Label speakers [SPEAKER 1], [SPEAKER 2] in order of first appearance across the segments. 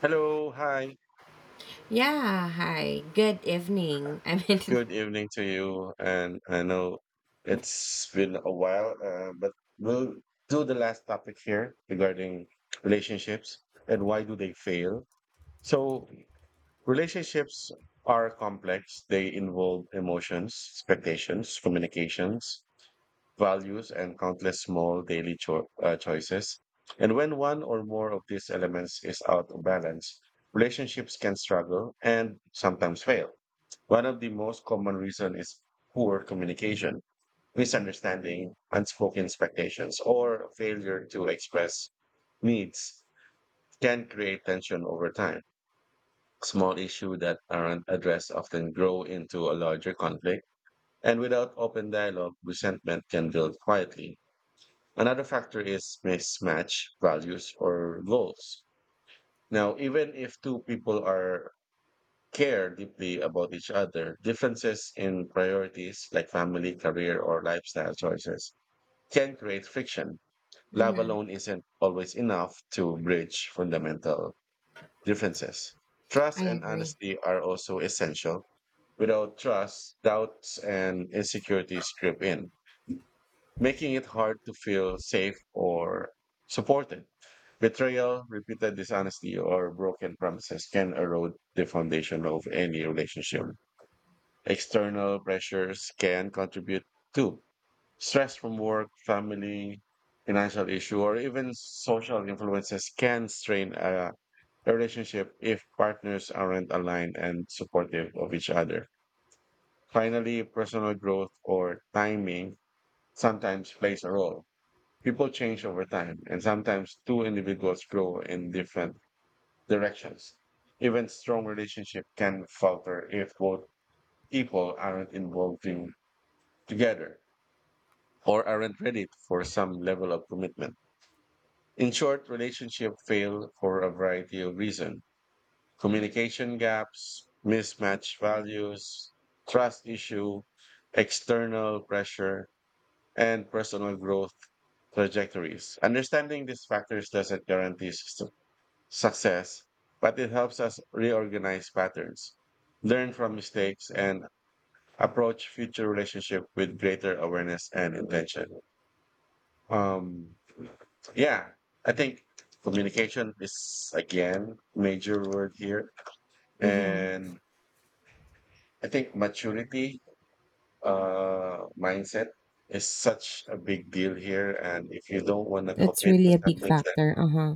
[SPEAKER 1] Hello, hi,
[SPEAKER 2] Yeah, hi. Good evening.
[SPEAKER 1] good evening to you. And I know it's been a while, but we'll do the last topic here regarding relationships and why do they fail. So, relationships are complex. They involve emotions, expectations, communications, values, and countless small daily choices. And when one or more of these elements is out of balance, relationships can struggle and sometimes fail. One of the most common reasons is poor communication. Misunderstanding, unspoken expectations, or failure to express needs can create tension over time. Small issues that aren't addressed often grow into a larger conflict, and without open dialogue, resentment can build quietly. Another factor is mismatch values or goals. Now, even if two people are care deeply about each other, differences in priorities like family, career, or lifestyle choices can create friction. Love
[SPEAKER 2] Hmm
[SPEAKER 1] alone isn't always enough to bridge fundamental differences. Trust
[SPEAKER 2] I
[SPEAKER 1] and
[SPEAKER 2] agree.
[SPEAKER 1] honesty are also essential. Without trust, doubts and insecurities creep in, making it hard to feel safe or supported. Betrayal, repeated dishonesty, or broken promises can erode the foundation of any relationship. External pressures can contribute too. Stress from work, family, financial issue, or even social influences can strain a relationship if partners aren't aligned and supportive of each other. Finally, personal growth or timing sometimes plays a role. People change over time, and sometimes two individuals grow in different directions. Even strong relationship can falter if both people aren't involved in together, or aren't ready for some level of commitment. In short, relationships fail for a variety of reasons: communication gaps, mismatched values, trust issue, external pressure, and personal growth trajectories. Understanding these factors doesn't guarantee success, but it helps us reorganize patterns, learn from mistakes, and approach future relationship with greater awareness and intention. Um, yeah, I think communication is again major word here,
[SPEAKER 2] Mm-hmm.
[SPEAKER 1] and I think maturity, mindset is such a big deal here. And if you don't want to
[SPEAKER 2] It's
[SPEAKER 1] commit to
[SPEAKER 2] really a big
[SPEAKER 1] something, then
[SPEAKER 2] factor. Uh huh.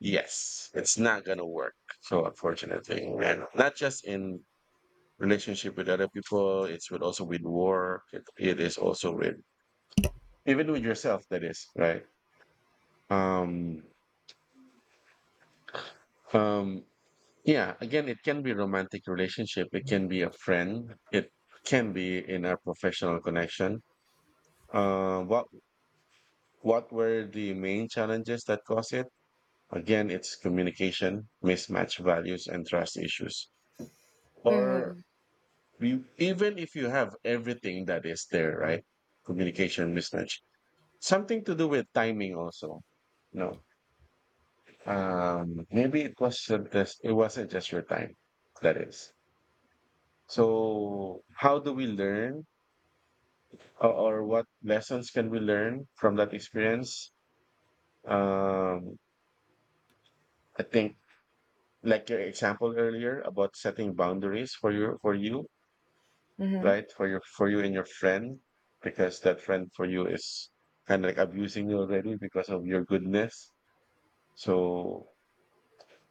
[SPEAKER 1] yes, it's not gonna work. So unfortunately, and not just in relationship with other people, it's with also with work. It is also with even with yourself. That is right. Um, um, Yeah, again, it can be romantic relationship. It can be a friend. It can be in a professional connection. Uh, what what were the main challenges that caused it? Again, it's communication, mismatch values, and trust issues. Or
[SPEAKER 2] Mm-hmm.
[SPEAKER 1] you, even if you have everything that is there, right? Communication mismatch. Something to do with timing also. No, maybe it wasn't just your time. That is. So how do we learn or what lessons can we learn from that experience? Um, I think like your example earlier about setting boundaries for you,
[SPEAKER 2] Mm-hmm.
[SPEAKER 1] right? For you and your friend, because that friend for you is kind of like abusing you already because of your goodness. So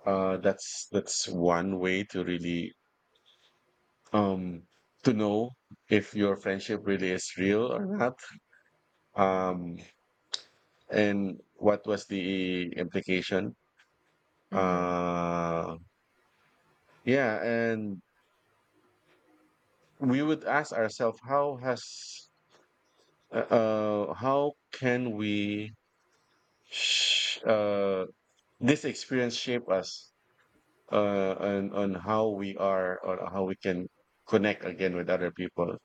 [SPEAKER 1] that's one way to really um to know if your friendship really is real or not. Um, and what was the implication
[SPEAKER 2] Mm-hmm.
[SPEAKER 1] uh yeah, and we would ask ourselves how has how can we sh- uh this experience shape us on how we are or how we can connect again with other people.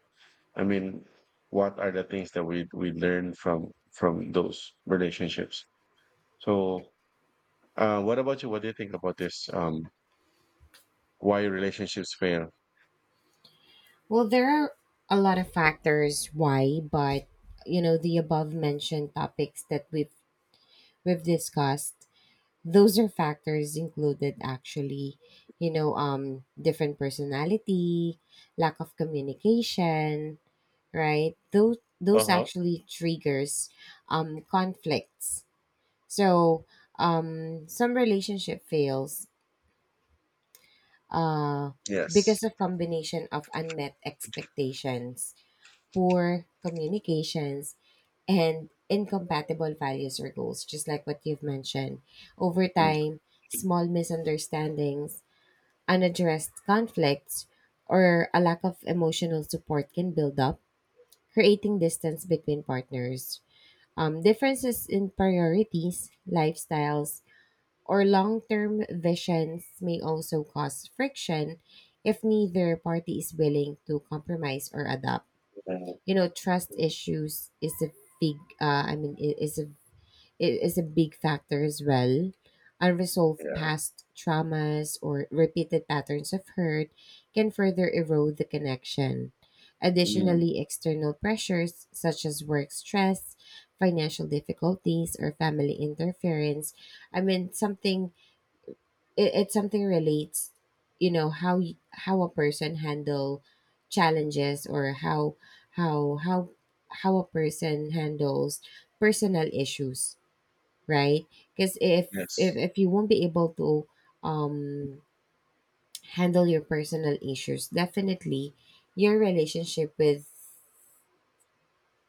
[SPEAKER 1] I mean, what are the things that we learn from those relationships. So what about you, what do you think about this, why relationships fail?
[SPEAKER 2] Well, there are a lot of factors why, but you know the above mentioned topics that we've discussed. Those are factors included actually. Different personality, lack of communication, right? Those
[SPEAKER 1] Uh-huh.
[SPEAKER 2] actually triggers conflicts. So some relationship fails uh,
[SPEAKER 1] Yes.
[SPEAKER 2] because of combination of unmet expectations, poor communications, and incompatible values or goals, just like what you've mentioned. Over
[SPEAKER 1] Mm.
[SPEAKER 2] time, small misunderstandings, unaddressed conflicts, or a lack of emotional support can build up, creating distance between partners. Differences in priorities, lifestyles, or long term visions may also cause friction if neither party is willing to compromise or adapt.
[SPEAKER 1] Uh,
[SPEAKER 2] You know, trust issues is a big, is a big factor as well. Unresolved
[SPEAKER 1] yeah.
[SPEAKER 2] past traumas or repeated patterns of hurt can further erode the connection.
[SPEAKER 1] Mm,
[SPEAKER 2] Additionally, external pressures such as work stress, financial difficulties, or family interference. I mean, something it, it Something relates, you know, how a person handle challenges, or how how how a person handles personal issues, right? Because
[SPEAKER 1] yes.
[SPEAKER 2] if you won't be able to um handle your personal issues, definitely your relationship, with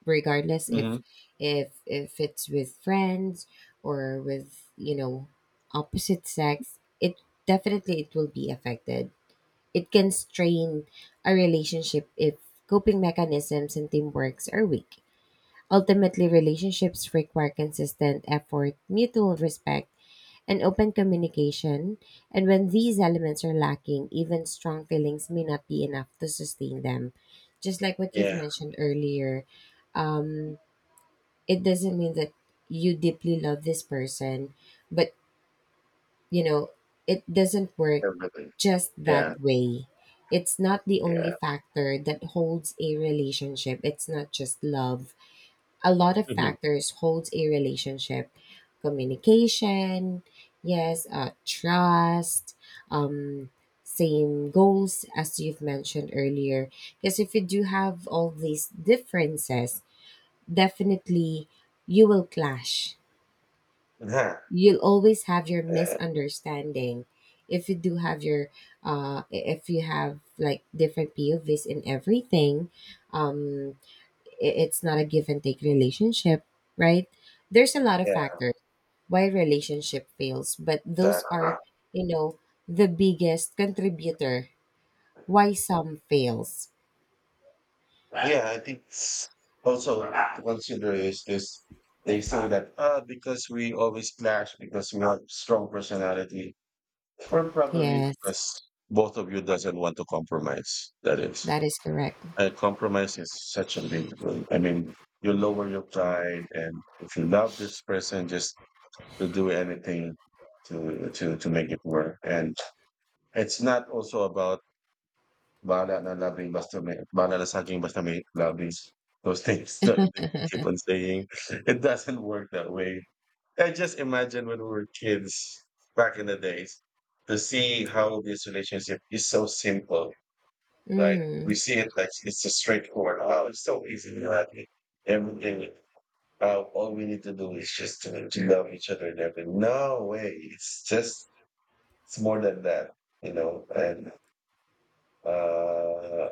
[SPEAKER 2] regardless if
[SPEAKER 1] Mhm.
[SPEAKER 2] if it's with friends, or with, you know, opposite sex, it definitely it will be affected. It can strain a relationship if coping mechanisms and teamworks are weak. Ultimately, relationships require consistent effort, mutual respect, and open communication. And when these elements are lacking, even strong feelings may not be enough to sustain them. Just like what you've
[SPEAKER 1] Yeah,
[SPEAKER 2] mentioned earlier, um, it doesn't mean that you deeply love this person, but, you know, it doesn't work
[SPEAKER 1] definitely.
[SPEAKER 2] just that
[SPEAKER 1] Yeah,
[SPEAKER 2] way. It's not the
[SPEAKER 1] yeah.
[SPEAKER 2] only factor that holds a relationship. It's not just love. A lot of
[SPEAKER 1] Mhm.
[SPEAKER 2] factors holds a relationship. Communication, yes, trust, um, same goals as you've mentioned earlier. Because if you do have all these differences, definitely you will clash,
[SPEAKER 1] Yeah,
[SPEAKER 2] you'll always have your
[SPEAKER 1] yeah,
[SPEAKER 2] misunderstanding, if you do have your if you have like different povs in everything. um I- it's not a give and take relationship, right? There's a lot of
[SPEAKER 1] yeah,
[SPEAKER 2] factors why relationship fails, but those
[SPEAKER 1] exactly.
[SPEAKER 2] are, you know, the biggest contributor why some fails.
[SPEAKER 1] Yeah, I think also consider is this, they say that, because we always clash because we have strong personality, or probably
[SPEAKER 2] Yes,
[SPEAKER 1] because both of you doesn't want to compromise. That is,
[SPEAKER 2] that is correct.
[SPEAKER 1] compromise is such a big, I mean, you lower your pride and if you love this person, just to do anything to make it work. And it's not also about bahala na loving basta may bahala na sa akin basta may loving. Those things that they keep on saying. It doesn't work that way. I just imagine when we were kids back in the days to see how this relationship is so simple. Like we
[SPEAKER 2] Mm-hmm.
[SPEAKER 1] see it like it's a straightforward. Oh, it's so easy. You have it. Everything all we need to do is just to love each other and everything. No way. It's just it's more than that, you know, and uh,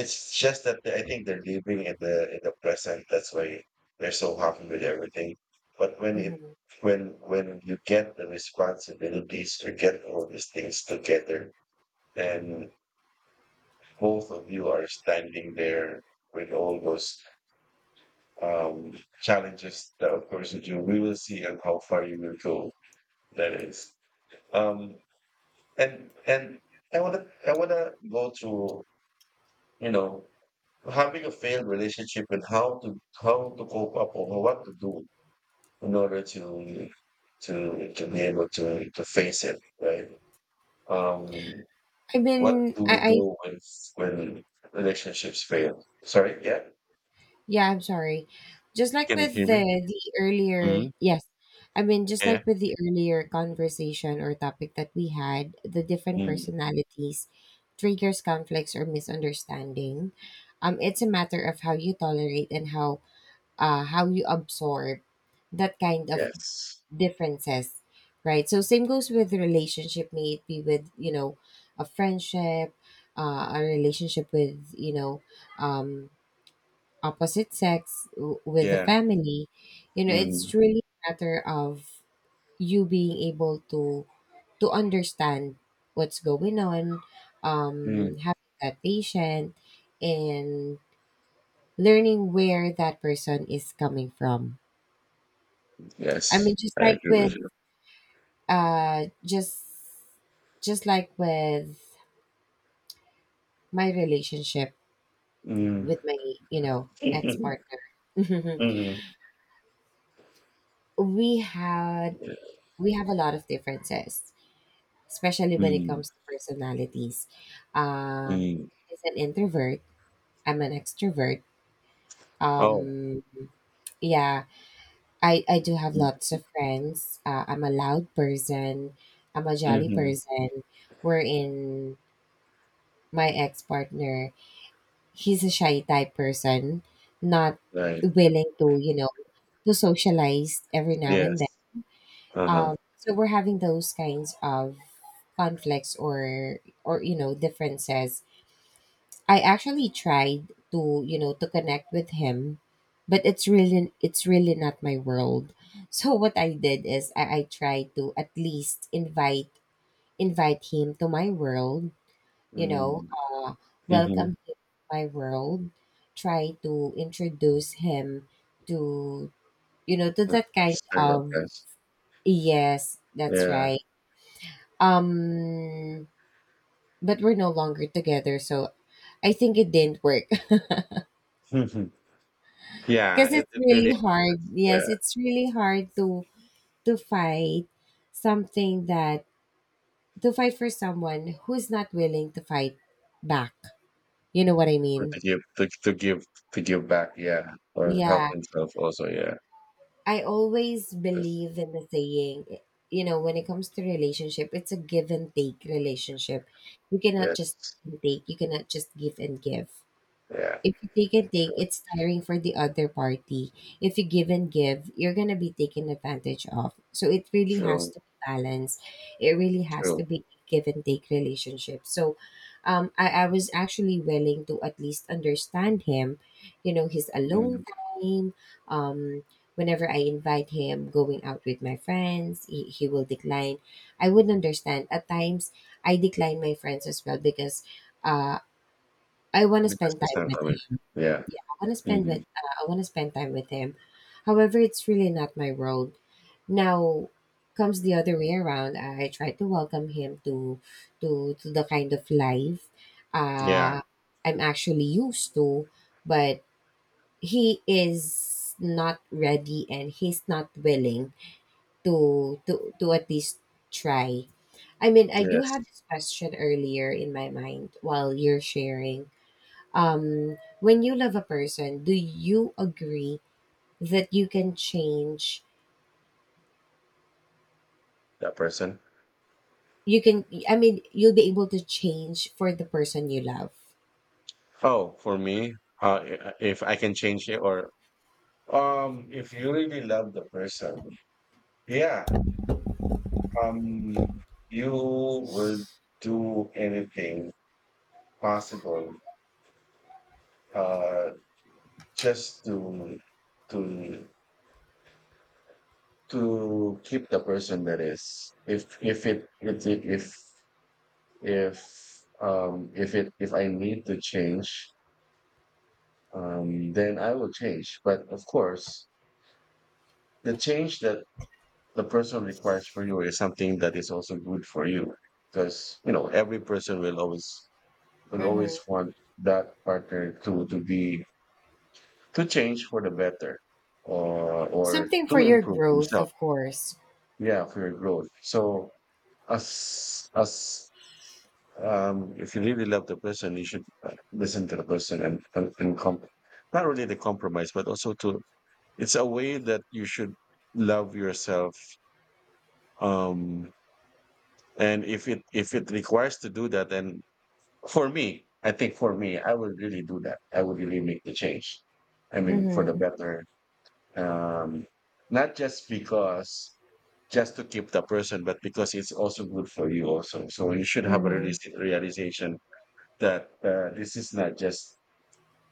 [SPEAKER 1] it's just that I think they're living in the present. That's why they're so happy with everything. But when it
[SPEAKER 2] Mm-hmm.
[SPEAKER 1] when you get the responsibilities, you get all these things together, and both of you are standing there with all those um, challenges that of course you do. We will see and how far you will go. That is, um, and I wanna go to, you know, having a failed relationship and how to cope up or what to do in order to be able to face it, right? Um,
[SPEAKER 2] I've
[SPEAKER 1] what
[SPEAKER 2] been
[SPEAKER 1] do we
[SPEAKER 2] I
[SPEAKER 1] do when relationships fail? Sorry, yeah.
[SPEAKER 2] Yeah, I'm sorry. Just like
[SPEAKER 1] Can you
[SPEAKER 2] with
[SPEAKER 1] hear
[SPEAKER 2] the
[SPEAKER 1] me?
[SPEAKER 2] the
[SPEAKER 1] Hmm.
[SPEAKER 2] earlier, yes. I mean, just
[SPEAKER 1] Yeah.
[SPEAKER 2] like with the earlier conversation or topic that we had, the different
[SPEAKER 1] Mm,
[SPEAKER 2] personalities triggers conflicts or misunderstanding. It's a matter of how you tolerate and how you absorb that kind of
[SPEAKER 1] yes.
[SPEAKER 2] differences, right? So same goes with relationship, may it be with, you know, a friendship, a relationship with, you know, um opposite sex, with the
[SPEAKER 1] Yeah.
[SPEAKER 2] family. You know,
[SPEAKER 1] Mm,
[SPEAKER 2] it's really a matter of you being able to understand what's going on,
[SPEAKER 1] mm,
[SPEAKER 2] having that patient, and learning where that person is coming from. I
[SPEAKER 1] yes.
[SPEAKER 2] mean,
[SPEAKER 1] I agree with you.
[SPEAKER 2] uh just just like with my relationship
[SPEAKER 1] Mm.
[SPEAKER 2] with my, you know, ex-partner.
[SPEAKER 1] mm.
[SPEAKER 2] we had we have a lot of differences, especially when it
[SPEAKER 1] Mm.
[SPEAKER 2] comes to personalities. Uh,
[SPEAKER 1] mm.
[SPEAKER 2] he's an introvert. I'm an extrovert.
[SPEAKER 1] Oh.
[SPEAKER 2] Um, yeah, I do have lots of friends. I'm a loud person. I'm a jolly
[SPEAKER 1] Mm-hmm.
[SPEAKER 2] person. We're in my ex partner. He's a shy type person, not
[SPEAKER 1] Right.
[SPEAKER 2] willing to, you know, to socialize every now and then.
[SPEAKER 1] Yes. Uh-huh.
[SPEAKER 2] So we're having those kinds of conflicts or, you know, differences. I actually tried to, you know, to connect with him, but it's really not my world. So what I did is I tried to at least invite him to my world, you know,
[SPEAKER 1] Mm. Mhm.
[SPEAKER 2] welcome him to my world, try to introduce him to, you know, to
[SPEAKER 1] Yes.
[SPEAKER 2] that kind
[SPEAKER 1] Sorry about
[SPEAKER 2] of,
[SPEAKER 1] that.
[SPEAKER 2] yes, that's
[SPEAKER 1] Yeah.
[SPEAKER 2] right. Um but we're no longer together, so I think it didn't work.
[SPEAKER 1] Yeah,
[SPEAKER 2] Because
[SPEAKER 1] it
[SPEAKER 2] it's
[SPEAKER 1] it really
[SPEAKER 2] really hard,
[SPEAKER 1] yeah,
[SPEAKER 2] yes, it's really hard to fight something that to fight for someone who's not willing to fight back, you know what I
[SPEAKER 1] good
[SPEAKER 2] mean?
[SPEAKER 1] to give back, yeah, or help
[SPEAKER 2] Yeah,
[SPEAKER 1] himself also, yeah.
[SPEAKER 2] I always
[SPEAKER 1] Yes.
[SPEAKER 2] believe in the saying, you know, when it comes to relationship, it's a give and take relationship. You cannot just
[SPEAKER 1] Yes.
[SPEAKER 2] take, you cannot just give and give.
[SPEAKER 1] Yeah,
[SPEAKER 2] If you take and take,
[SPEAKER 1] true.
[SPEAKER 2] it's tiring for the other party. If you give and give, you're gonna be taken advantage of. So it really has
[SPEAKER 1] True.
[SPEAKER 2] to be balanced. It really has
[SPEAKER 1] True.
[SPEAKER 2] to be give and take relationship. So I was actually willing to at least understand him, you know, his
[SPEAKER 1] Mm.
[SPEAKER 2] alone time, um, whenever I invite him going out with my friends, he will decline. I would understand. At times, I decline my friends as well because uh, I want to
[SPEAKER 1] Because
[SPEAKER 2] spend
[SPEAKER 1] it's
[SPEAKER 2] time
[SPEAKER 1] not
[SPEAKER 2] with
[SPEAKER 1] coming.
[SPEAKER 2] him
[SPEAKER 1] Yeah.
[SPEAKER 2] want to spend with
[SPEAKER 1] Mhm.
[SPEAKER 2] I want to spend time with him. However, it's really not my world. Now comes the other way around. I try to welcome him to the kind of life
[SPEAKER 1] Yeah.
[SPEAKER 2] uh, I'm actually used to, but he is not ready and he's not willing to at least try. I mean, I do have
[SPEAKER 1] Yes.
[SPEAKER 2] this question earlier in my mind while you're sharing when you love a person, do you agree that you can change?
[SPEAKER 1] That person.
[SPEAKER 2] You can, I mean, you'll be able to change for the person you love.
[SPEAKER 1] Oh, for me, if I can change it or if you really love the person, yeah, Um, you would do anything possible, uh, just to to keep the person that is. If if it if I need to change, then I will change. But of course, the change that the person requires for you is something that is also good for you, because you know every person will
[SPEAKER 2] Mm-hmm.
[SPEAKER 1] always want that partner to be to change for the better or
[SPEAKER 2] Something for
[SPEAKER 1] to
[SPEAKER 2] your
[SPEAKER 1] improve
[SPEAKER 2] growth,
[SPEAKER 1] himself,
[SPEAKER 2] of course.
[SPEAKER 1] yeah, for your growth. So as if you really love the person you should, listen to the person and and not really the compromise but also to, it's a way that you should love yourself, um and if it requires to do that, then for me, I think for me, I would really do that. I would really make the change. I mean, for the
[SPEAKER 2] Mm-hmm.
[SPEAKER 1] better. Um, not just because, just to keep the person, but because it's also good for you also. So you should have a
[SPEAKER 2] Mm-hmm.
[SPEAKER 1] realistic realization that this is not just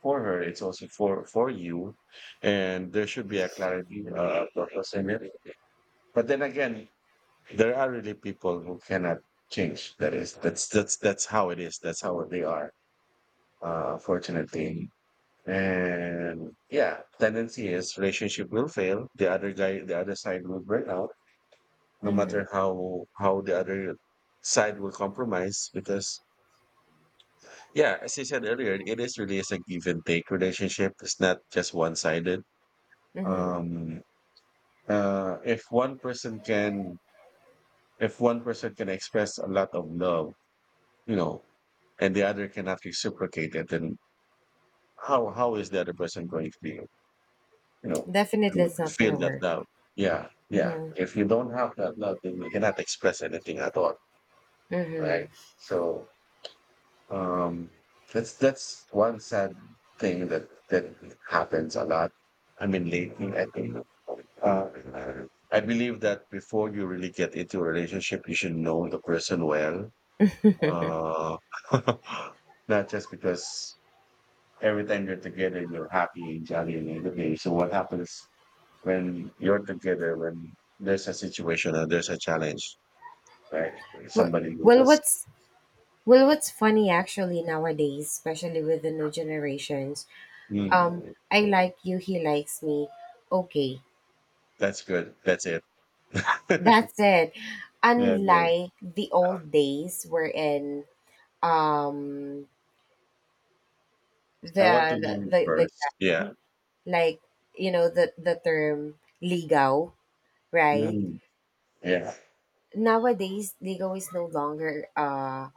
[SPEAKER 1] for her; it's also for you, and there should be a clarity, purpose in it. But then again, there are really people who cannot change. That is, that's how it is. That's how they are, fortunately. And yeah, tendency is relationship will fail. The other guy, the other side will burn out, no
[SPEAKER 2] Mm-hmm.
[SPEAKER 1] matter how the other side will compromise. Because yeah, as I said earlier, it is really is a give and take relationship. It's not just one sided.
[SPEAKER 2] Mm-hmm.
[SPEAKER 1] Um, uh, if one person can, if one person can express a lot of love, you know, and the other cannot reciprocate it, then how is the other person going to be? You know,
[SPEAKER 2] Definitely, it's
[SPEAKER 1] to
[SPEAKER 2] not gonna
[SPEAKER 1] feel that
[SPEAKER 2] work.
[SPEAKER 1] love. Yeah, yeah.
[SPEAKER 2] Mm-hmm.
[SPEAKER 1] If you don't have that love, then you cannot express anything at all,
[SPEAKER 2] Mm-hmm.
[SPEAKER 1] right? So um, that's one sad thing that that happens a lot. I mean, lately, I think. Uh, I believe that before you really get into a relationship, you should know the person well. Uh, not just because every time you're together, you're happy and jolly and in the day. So what happens when you're together, when there's a situation or there's a challenge, right?
[SPEAKER 2] well,
[SPEAKER 1] Somebody who
[SPEAKER 2] well,
[SPEAKER 1] just,
[SPEAKER 2] what's what's funny actually nowadays, especially with the new generations. Um,
[SPEAKER 1] "Hmm,
[SPEAKER 2] I like you, he likes me. Okay,
[SPEAKER 1] that's good. That's it. yeah,
[SPEAKER 2] that's it.
[SPEAKER 1] yeah.
[SPEAKER 2] Unlike the old days wherein um the
[SPEAKER 1] I want to know you
[SPEAKER 2] the
[SPEAKER 1] first. Yeah.
[SPEAKER 2] guy, like, you know, the term ligaw, right?
[SPEAKER 1] Hmm, yeah.
[SPEAKER 2] Nowadays ligaw is no longer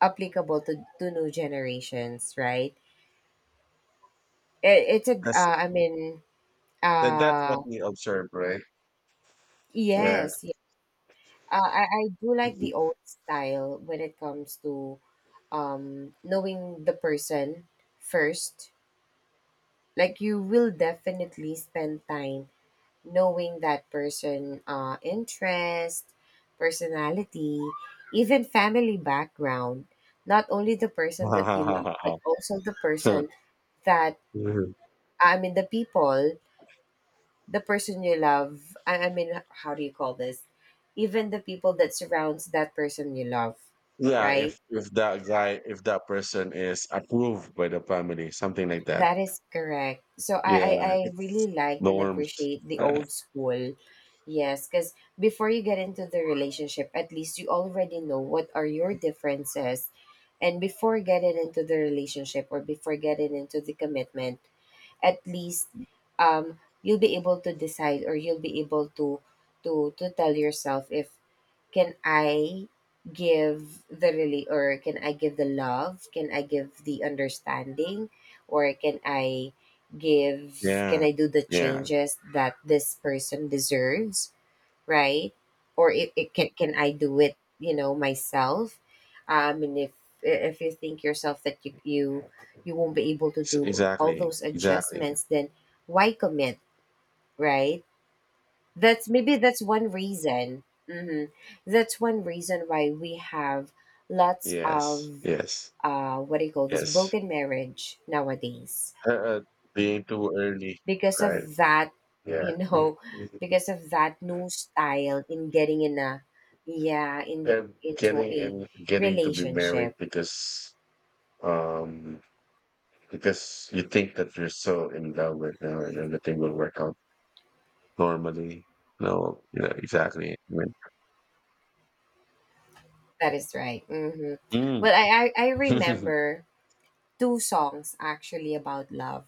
[SPEAKER 2] applicable to new generations, right? It, it's a
[SPEAKER 1] That's,
[SPEAKER 2] I mean
[SPEAKER 1] that's
[SPEAKER 2] uh
[SPEAKER 1] what we observe, right? Yeah.
[SPEAKER 2] yes, yeah. I do like
[SPEAKER 1] yeah.
[SPEAKER 2] the old style when it comes to knowing the person first. Like, you will definitely spend time knowing that person, interest, personality, even family background, not only the person that you love, but also the person that I mean the people, the person you love I mean, how do you call this, even the people that surrounds that person you love, right?
[SPEAKER 1] If that guy, if that person is approved by the family, something like that.
[SPEAKER 2] That is correct. So
[SPEAKER 1] Yeah,
[SPEAKER 2] I
[SPEAKER 1] it's
[SPEAKER 2] really liked and
[SPEAKER 1] norms.
[SPEAKER 2] appreciate the
[SPEAKER 1] Uh,
[SPEAKER 2] old school. Yes, because before you get into the relationship, at least you already know what are your differences. And before getting into the relationship or before getting into the commitment, at least you'll be able to decide or you'll be able to to tell yourself if can I give the really, or can I give the love? Can I give the understanding? Or can I give can
[SPEAKER 1] yeah,
[SPEAKER 2] I do the
[SPEAKER 1] yeah,
[SPEAKER 2] changes that this person deserves, right? Or it can I do it, you know, myself? And if you think yourself that you won't be able to do all
[SPEAKER 1] exactly,
[SPEAKER 2] those
[SPEAKER 1] exactly.
[SPEAKER 2] adjustments, then why commit, right? That's maybe that's one reason. Hmm. That's one reason why we have lots
[SPEAKER 1] Yes,
[SPEAKER 2] of
[SPEAKER 1] yes,
[SPEAKER 2] what do you call this,
[SPEAKER 1] yes.
[SPEAKER 2] broken marriage nowadays,
[SPEAKER 1] Uh, uh, being too early,
[SPEAKER 2] because
[SPEAKER 1] right?
[SPEAKER 2] of that,
[SPEAKER 1] Yeah,
[SPEAKER 2] you
[SPEAKER 1] mm,
[SPEAKER 2] know,
[SPEAKER 1] mm.
[SPEAKER 2] because of that new style in getting in a, yeah, in
[SPEAKER 1] And
[SPEAKER 2] getting into
[SPEAKER 1] getting
[SPEAKER 2] a
[SPEAKER 1] and getting to be married
[SPEAKER 2] relationship.
[SPEAKER 1] um because you think that you're so in love with her and everything will work out normally. No, yeah, exactly. I
[SPEAKER 2] That is right. Mm-hmm. Well,
[SPEAKER 1] mean,
[SPEAKER 2] I
[SPEAKER 1] mm.
[SPEAKER 2] remember two songs actually about love,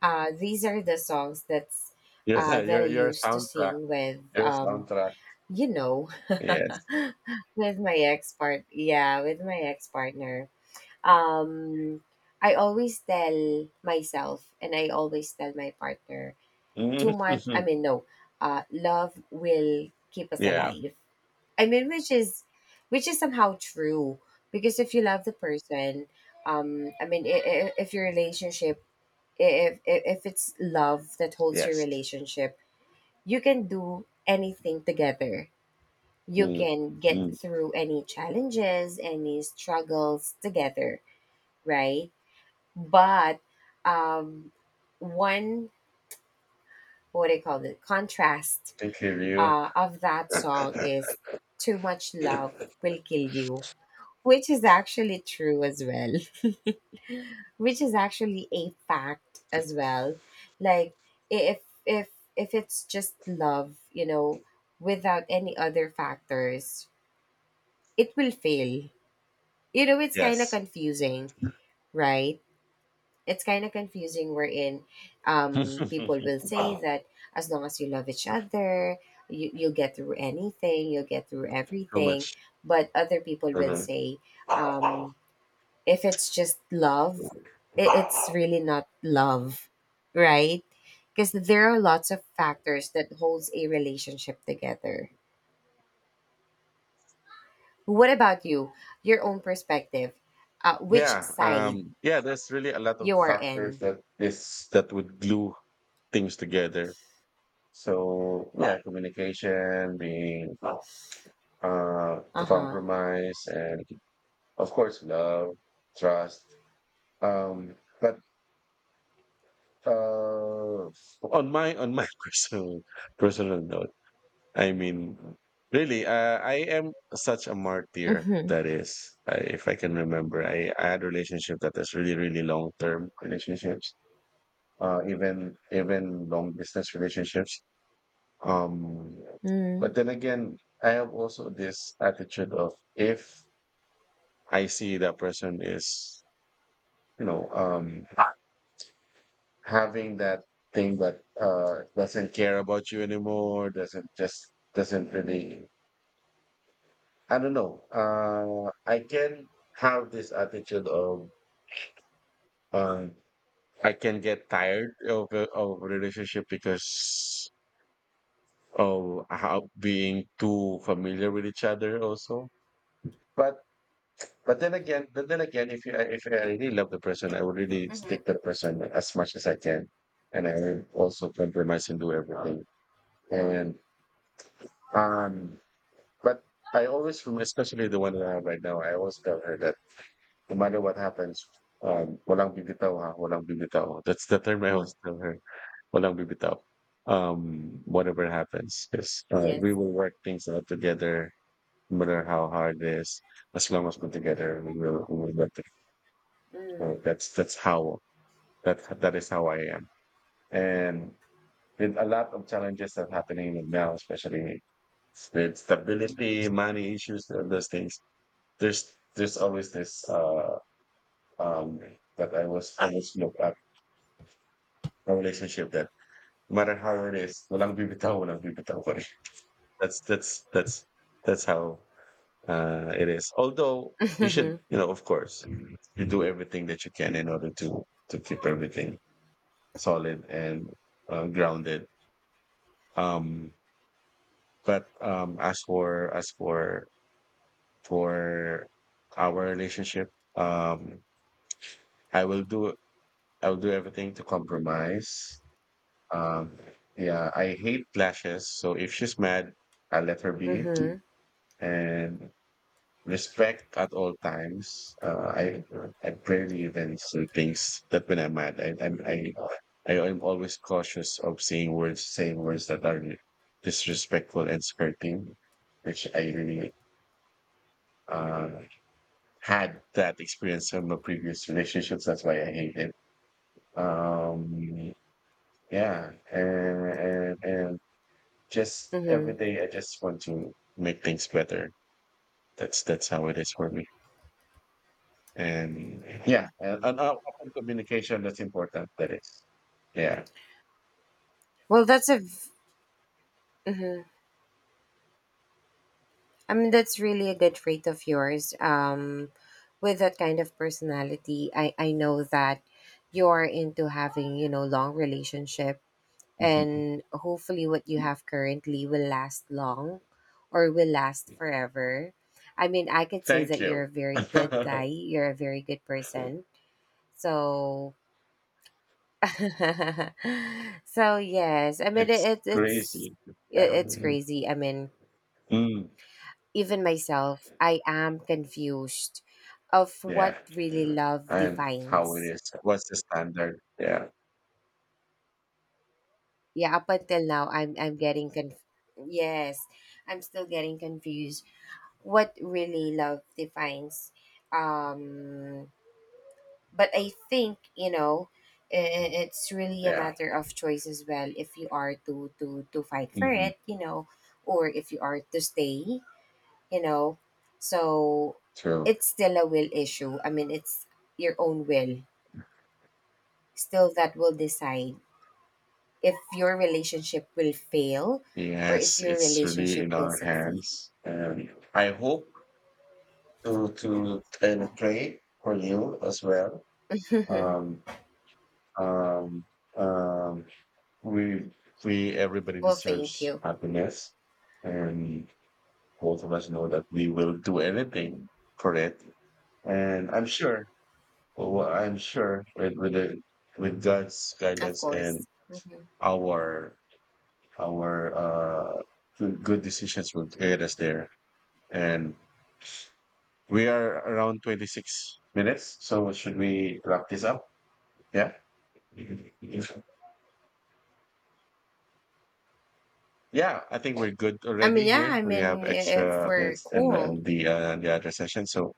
[SPEAKER 2] these are the songs
[SPEAKER 1] you're
[SPEAKER 2] that I
[SPEAKER 1] a
[SPEAKER 2] used to
[SPEAKER 1] soundtrack.
[SPEAKER 2] sing with
[SPEAKER 1] You're a soundtrack.
[SPEAKER 2] you know
[SPEAKER 1] Yes.
[SPEAKER 2] with my ex part yeah with my ex partner. Um, I always tell myself and I always tell my partner too
[SPEAKER 1] Mhm.
[SPEAKER 2] much I mean no love will keep us
[SPEAKER 1] Yeah.
[SPEAKER 2] alive. I mean, which is somehow true, because if you love the person, um, I mean, if your relationship, if it's love that holds your
[SPEAKER 1] Yes.
[SPEAKER 2] relationship, you can do anything together, you
[SPEAKER 1] Mm.
[SPEAKER 2] can get
[SPEAKER 1] Mm.
[SPEAKER 2] through any challenges, any struggles together, right? But, um, one, what do you call it, contrast
[SPEAKER 1] Thank you.
[SPEAKER 2] of that song
[SPEAKER 1] You.
[SPEAKER 2] is too much love will kill you, which is actually true as well. Which is actually a fact as well. Like, if if if it's just love, you know, without any other factors, it will fail. You know, it's kind of
[SPEAKER 1] Yes.
[SPEAKER 2] confusing, right? It's kind of confusing wherein people will say
[SPEAKER 1] Ah,
[SPEAKER 2] that as long as you love each other, you'll get through anything, you'll get through
[SPEAKER 1] too
[SPEAKER 2] everything.
[SPEAKER 1] much.
[SPEAKER 2] But other people will
[SPEAKER 1] Mhm.
[SPEAKER 2] say um, if it's just love, it's really not love, right? Because there are lots of factors that holds a relationship together. What about you, your own perspective, which
[SPEAKER 1] Yeah.
[SPEAKER 2] side
[SPEAKER 1] Yeah. There's really a lot of
[SPEAKER 2] you are
[SPEAKER 1] factors
[SPEAKER 2] in?
[SPEAKER 1] that is that would glue things together. So yeah, communication, being, uh,
[SPEAKER 2] Uh-huh.
[SPEAKER 1] compromise, and of course, love, trust. But Uh, on my personal note, I mean, really, I am such a martyr.
[SPEAKER 2] Mm-hmm.
[SPEAKER 1] That is, if I can remember, I had relationship that is really long term relationships, even long distance relationships. Um,
[SPEAKER 2] Mm-hmm.
[SPEAKER 1] but then again, I have also this attitude of if I see that person is you know um having that thing that doesn't care about you anymore, doesn't really. I don't know. I can have this attitude of um, I can get tired of of a relationship because of how being too familiar with each other also. But but then again, if I really love the person, I will really stick to the person as much as I can, and I will also compromise and do everything. And um, But I always, especially the one that I have right now, I always tell her that no matter what happens, walang bibitaw ha, walang bibitaw. That's the term I always tell her, walang bibitaw. Whatever happens, because
[SPEAKER 2] Yes.
[SPEAKER 1] we will work things out together, no matter how hard it is. As long as we're together, we will get it. So
[SPEAKER 2] Mm.
[SPEAKER 1] that's how that is how I am. And with a lot of challenges that are happening right now, especially with stability, money issues, all those things, there's always this um that I was look at a relationship that no matter how it is, walang bibitaw pa rin. That's that's that's that's how it is. Although you
[SPEAKER 2] Hmm.
[SPEAKER 1] should, you know, of course, you do everything that you can in order to keep everything solid and grounded. Um, but as for for our relationship, um, I will do I will do everything to compromise. Um, yeah, I hate clashes, so if she's mad, I let her be.
[SPEAKER 2] Hmm.
[SPEAKER 1] And respect at all times. I barely even say things that when I'm mad, I I'm, I am always cautious of saying words that are disrespectful and skirting, which I really uh, had that experience from my previous relationships. That's why I hate it. Um, yeah, and just every
[SPEAKER 2] Hmm.
[SPEAKER 1] day, I just want to make things better. That's how it is for me. And yeah, and open communication, that's important. That is, yeah.
[SPEAKER 2] Well, that's a. Hmm. I mean, that's really a good trait of yours. With that kind of personality, I know that you're into having, you know, long relationship, and hopefully, what you have currently will last long, or will last forever. I mean, I could say
[SPEAKER 1] Thank
[SPEAKER 2] that you're
[SPEAKER 1] you.
[SPEAKER 2] a very good guy. You're a very good person. So so yes, I mean
[SPEAKER 1] It's
[SPEAKER 2] it's
[SPEAKER 1] crazy. Yeah.
[SPEAKER 2] it's crazy. I mean,
[SPEAKER 1] Mm,
[SPEAKER 2] even myself, I am confused of
[SPEAKER 1] yeah.
[SPEAKER 2] what really love
[SPEAKER 1] And how it
[SPEAKER 2] defines.
[SPEAKER 1] is. What's the standard? Yeah.
[SPEAKER 2] Yeah, up until now, yes, I'm still getting confused. What really love defines? Um, but I think, you know, i- it's really a
[SPEAKER 1] Yeah.
[SPEAKER 2] matter of choice as well, if you are to fight for
[SPEAKER 1] Hmm.
[SPEAKER 2] it, you know, or if you are to stay, you know. So
[SPEAKER 1] True.
[SPEAKER 2] it's still a will issue, I mean, it's your own will still that will decide if your relationship will fail or
[SPEAKER 1] Yes,
[SPEAKER 2] if your
[SPEAKER 1] it's really
[SPEAKER 2] relationship
[SPEAKER 1] in
[SPEAKER 2] will
[SPEAKER 1] our
[SPEAKER 2] succeed.
[SPEAKER 1] hands. And I hope to and pray for you as well.
[SPEAKER 2] Well,
[SPEAKER 1] Um, um, um, we we everybody
[SPEAKER 2] thank
[SPEAKER 1] deserves
[SPEAKER 2] you.
[SPEAKER 1] happiness, and both of us know that we will do anything for it. And I'm sure, well, I'm sure with with God's
[SPEAKER 2] Of
[SPEAKER 1] guidance and
[SPEAKER 2] course. Mhm.
[SPEAKER 1] our our uh good decisions will get us there. And we are around 26 minutes, so should we wrap this up? Yeah. Yeah, I think we're good
[SPEAKER 2] I
[SPEAKER 1] already
[SPEAKER 2] mean, yeah,
[SPEAKER 1] here.
[SPEAKER 2] I
[SPEAKER 1] We
[SPEAKER 2] mean,
[SPEAKER 1] have
[SPEAKER 2] if
[SPEAKER 1] extra
[SPEAKER 2] we're
[SPEAKER 1] minutes and
[SPEAKER 2] cool.
[SPEAKER 1] then the other session. So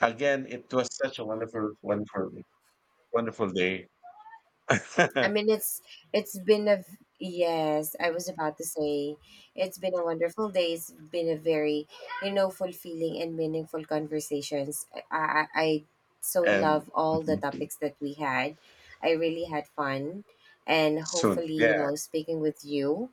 [SPEAKER 1] again, it was such a wonderful, wonderful, wonderful day,
[SPEAKER 2] I mean, it's been a v- yes. I was about to say it's been a wonderful day. It's been a very, you know, fulfilling and meaningful conversations. I so
[SPEAKER 1] and
[SPEAKER 2] love all the topics that we had. I really had fun, and
[SPEAKER 1] soon.
[SPEAKER 2] hopefully, you
[SPEAKER 1] Yeah,
[SPEAKER 2] know, speaking with you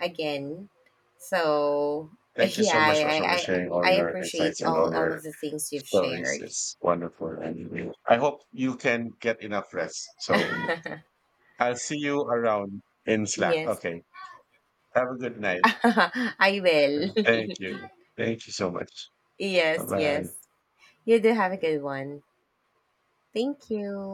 [SPEAKER 2] again. So
[SPEAKER 1] thank you
[SPEAKER 2] yeah,
[SPEAKER 1] so much also for sharing all
[SPEAKER 2] I
[SPEAKER 1] your
[SPEAKER 2] appreciate
[SPEAKER 1] insights and all
[SPEAKER 2] all
[SPEAKER 1] your
[SPEAKER 2] of the things you've
[SPEAKER 1] stories.
[SPEAKER 2] shared.
[SPEAKER 1] It's wonderful, and I hope you can get enough rest. So I'll see you around in Slack.
[SPEAKER 2] Yes,
[SPEAKER 1] Okay, have a good night.
[SPEAKER 2] I will.
[SPEAKER 1] Thank you. Thank you so much.
[SPEAKER 2] Yes,
[SPEAKER 1] Bye
[SPEAKER 2] yes. You do have a good
[SPEAKER 1] bye.
[SPEAKER 2] one. Thank you.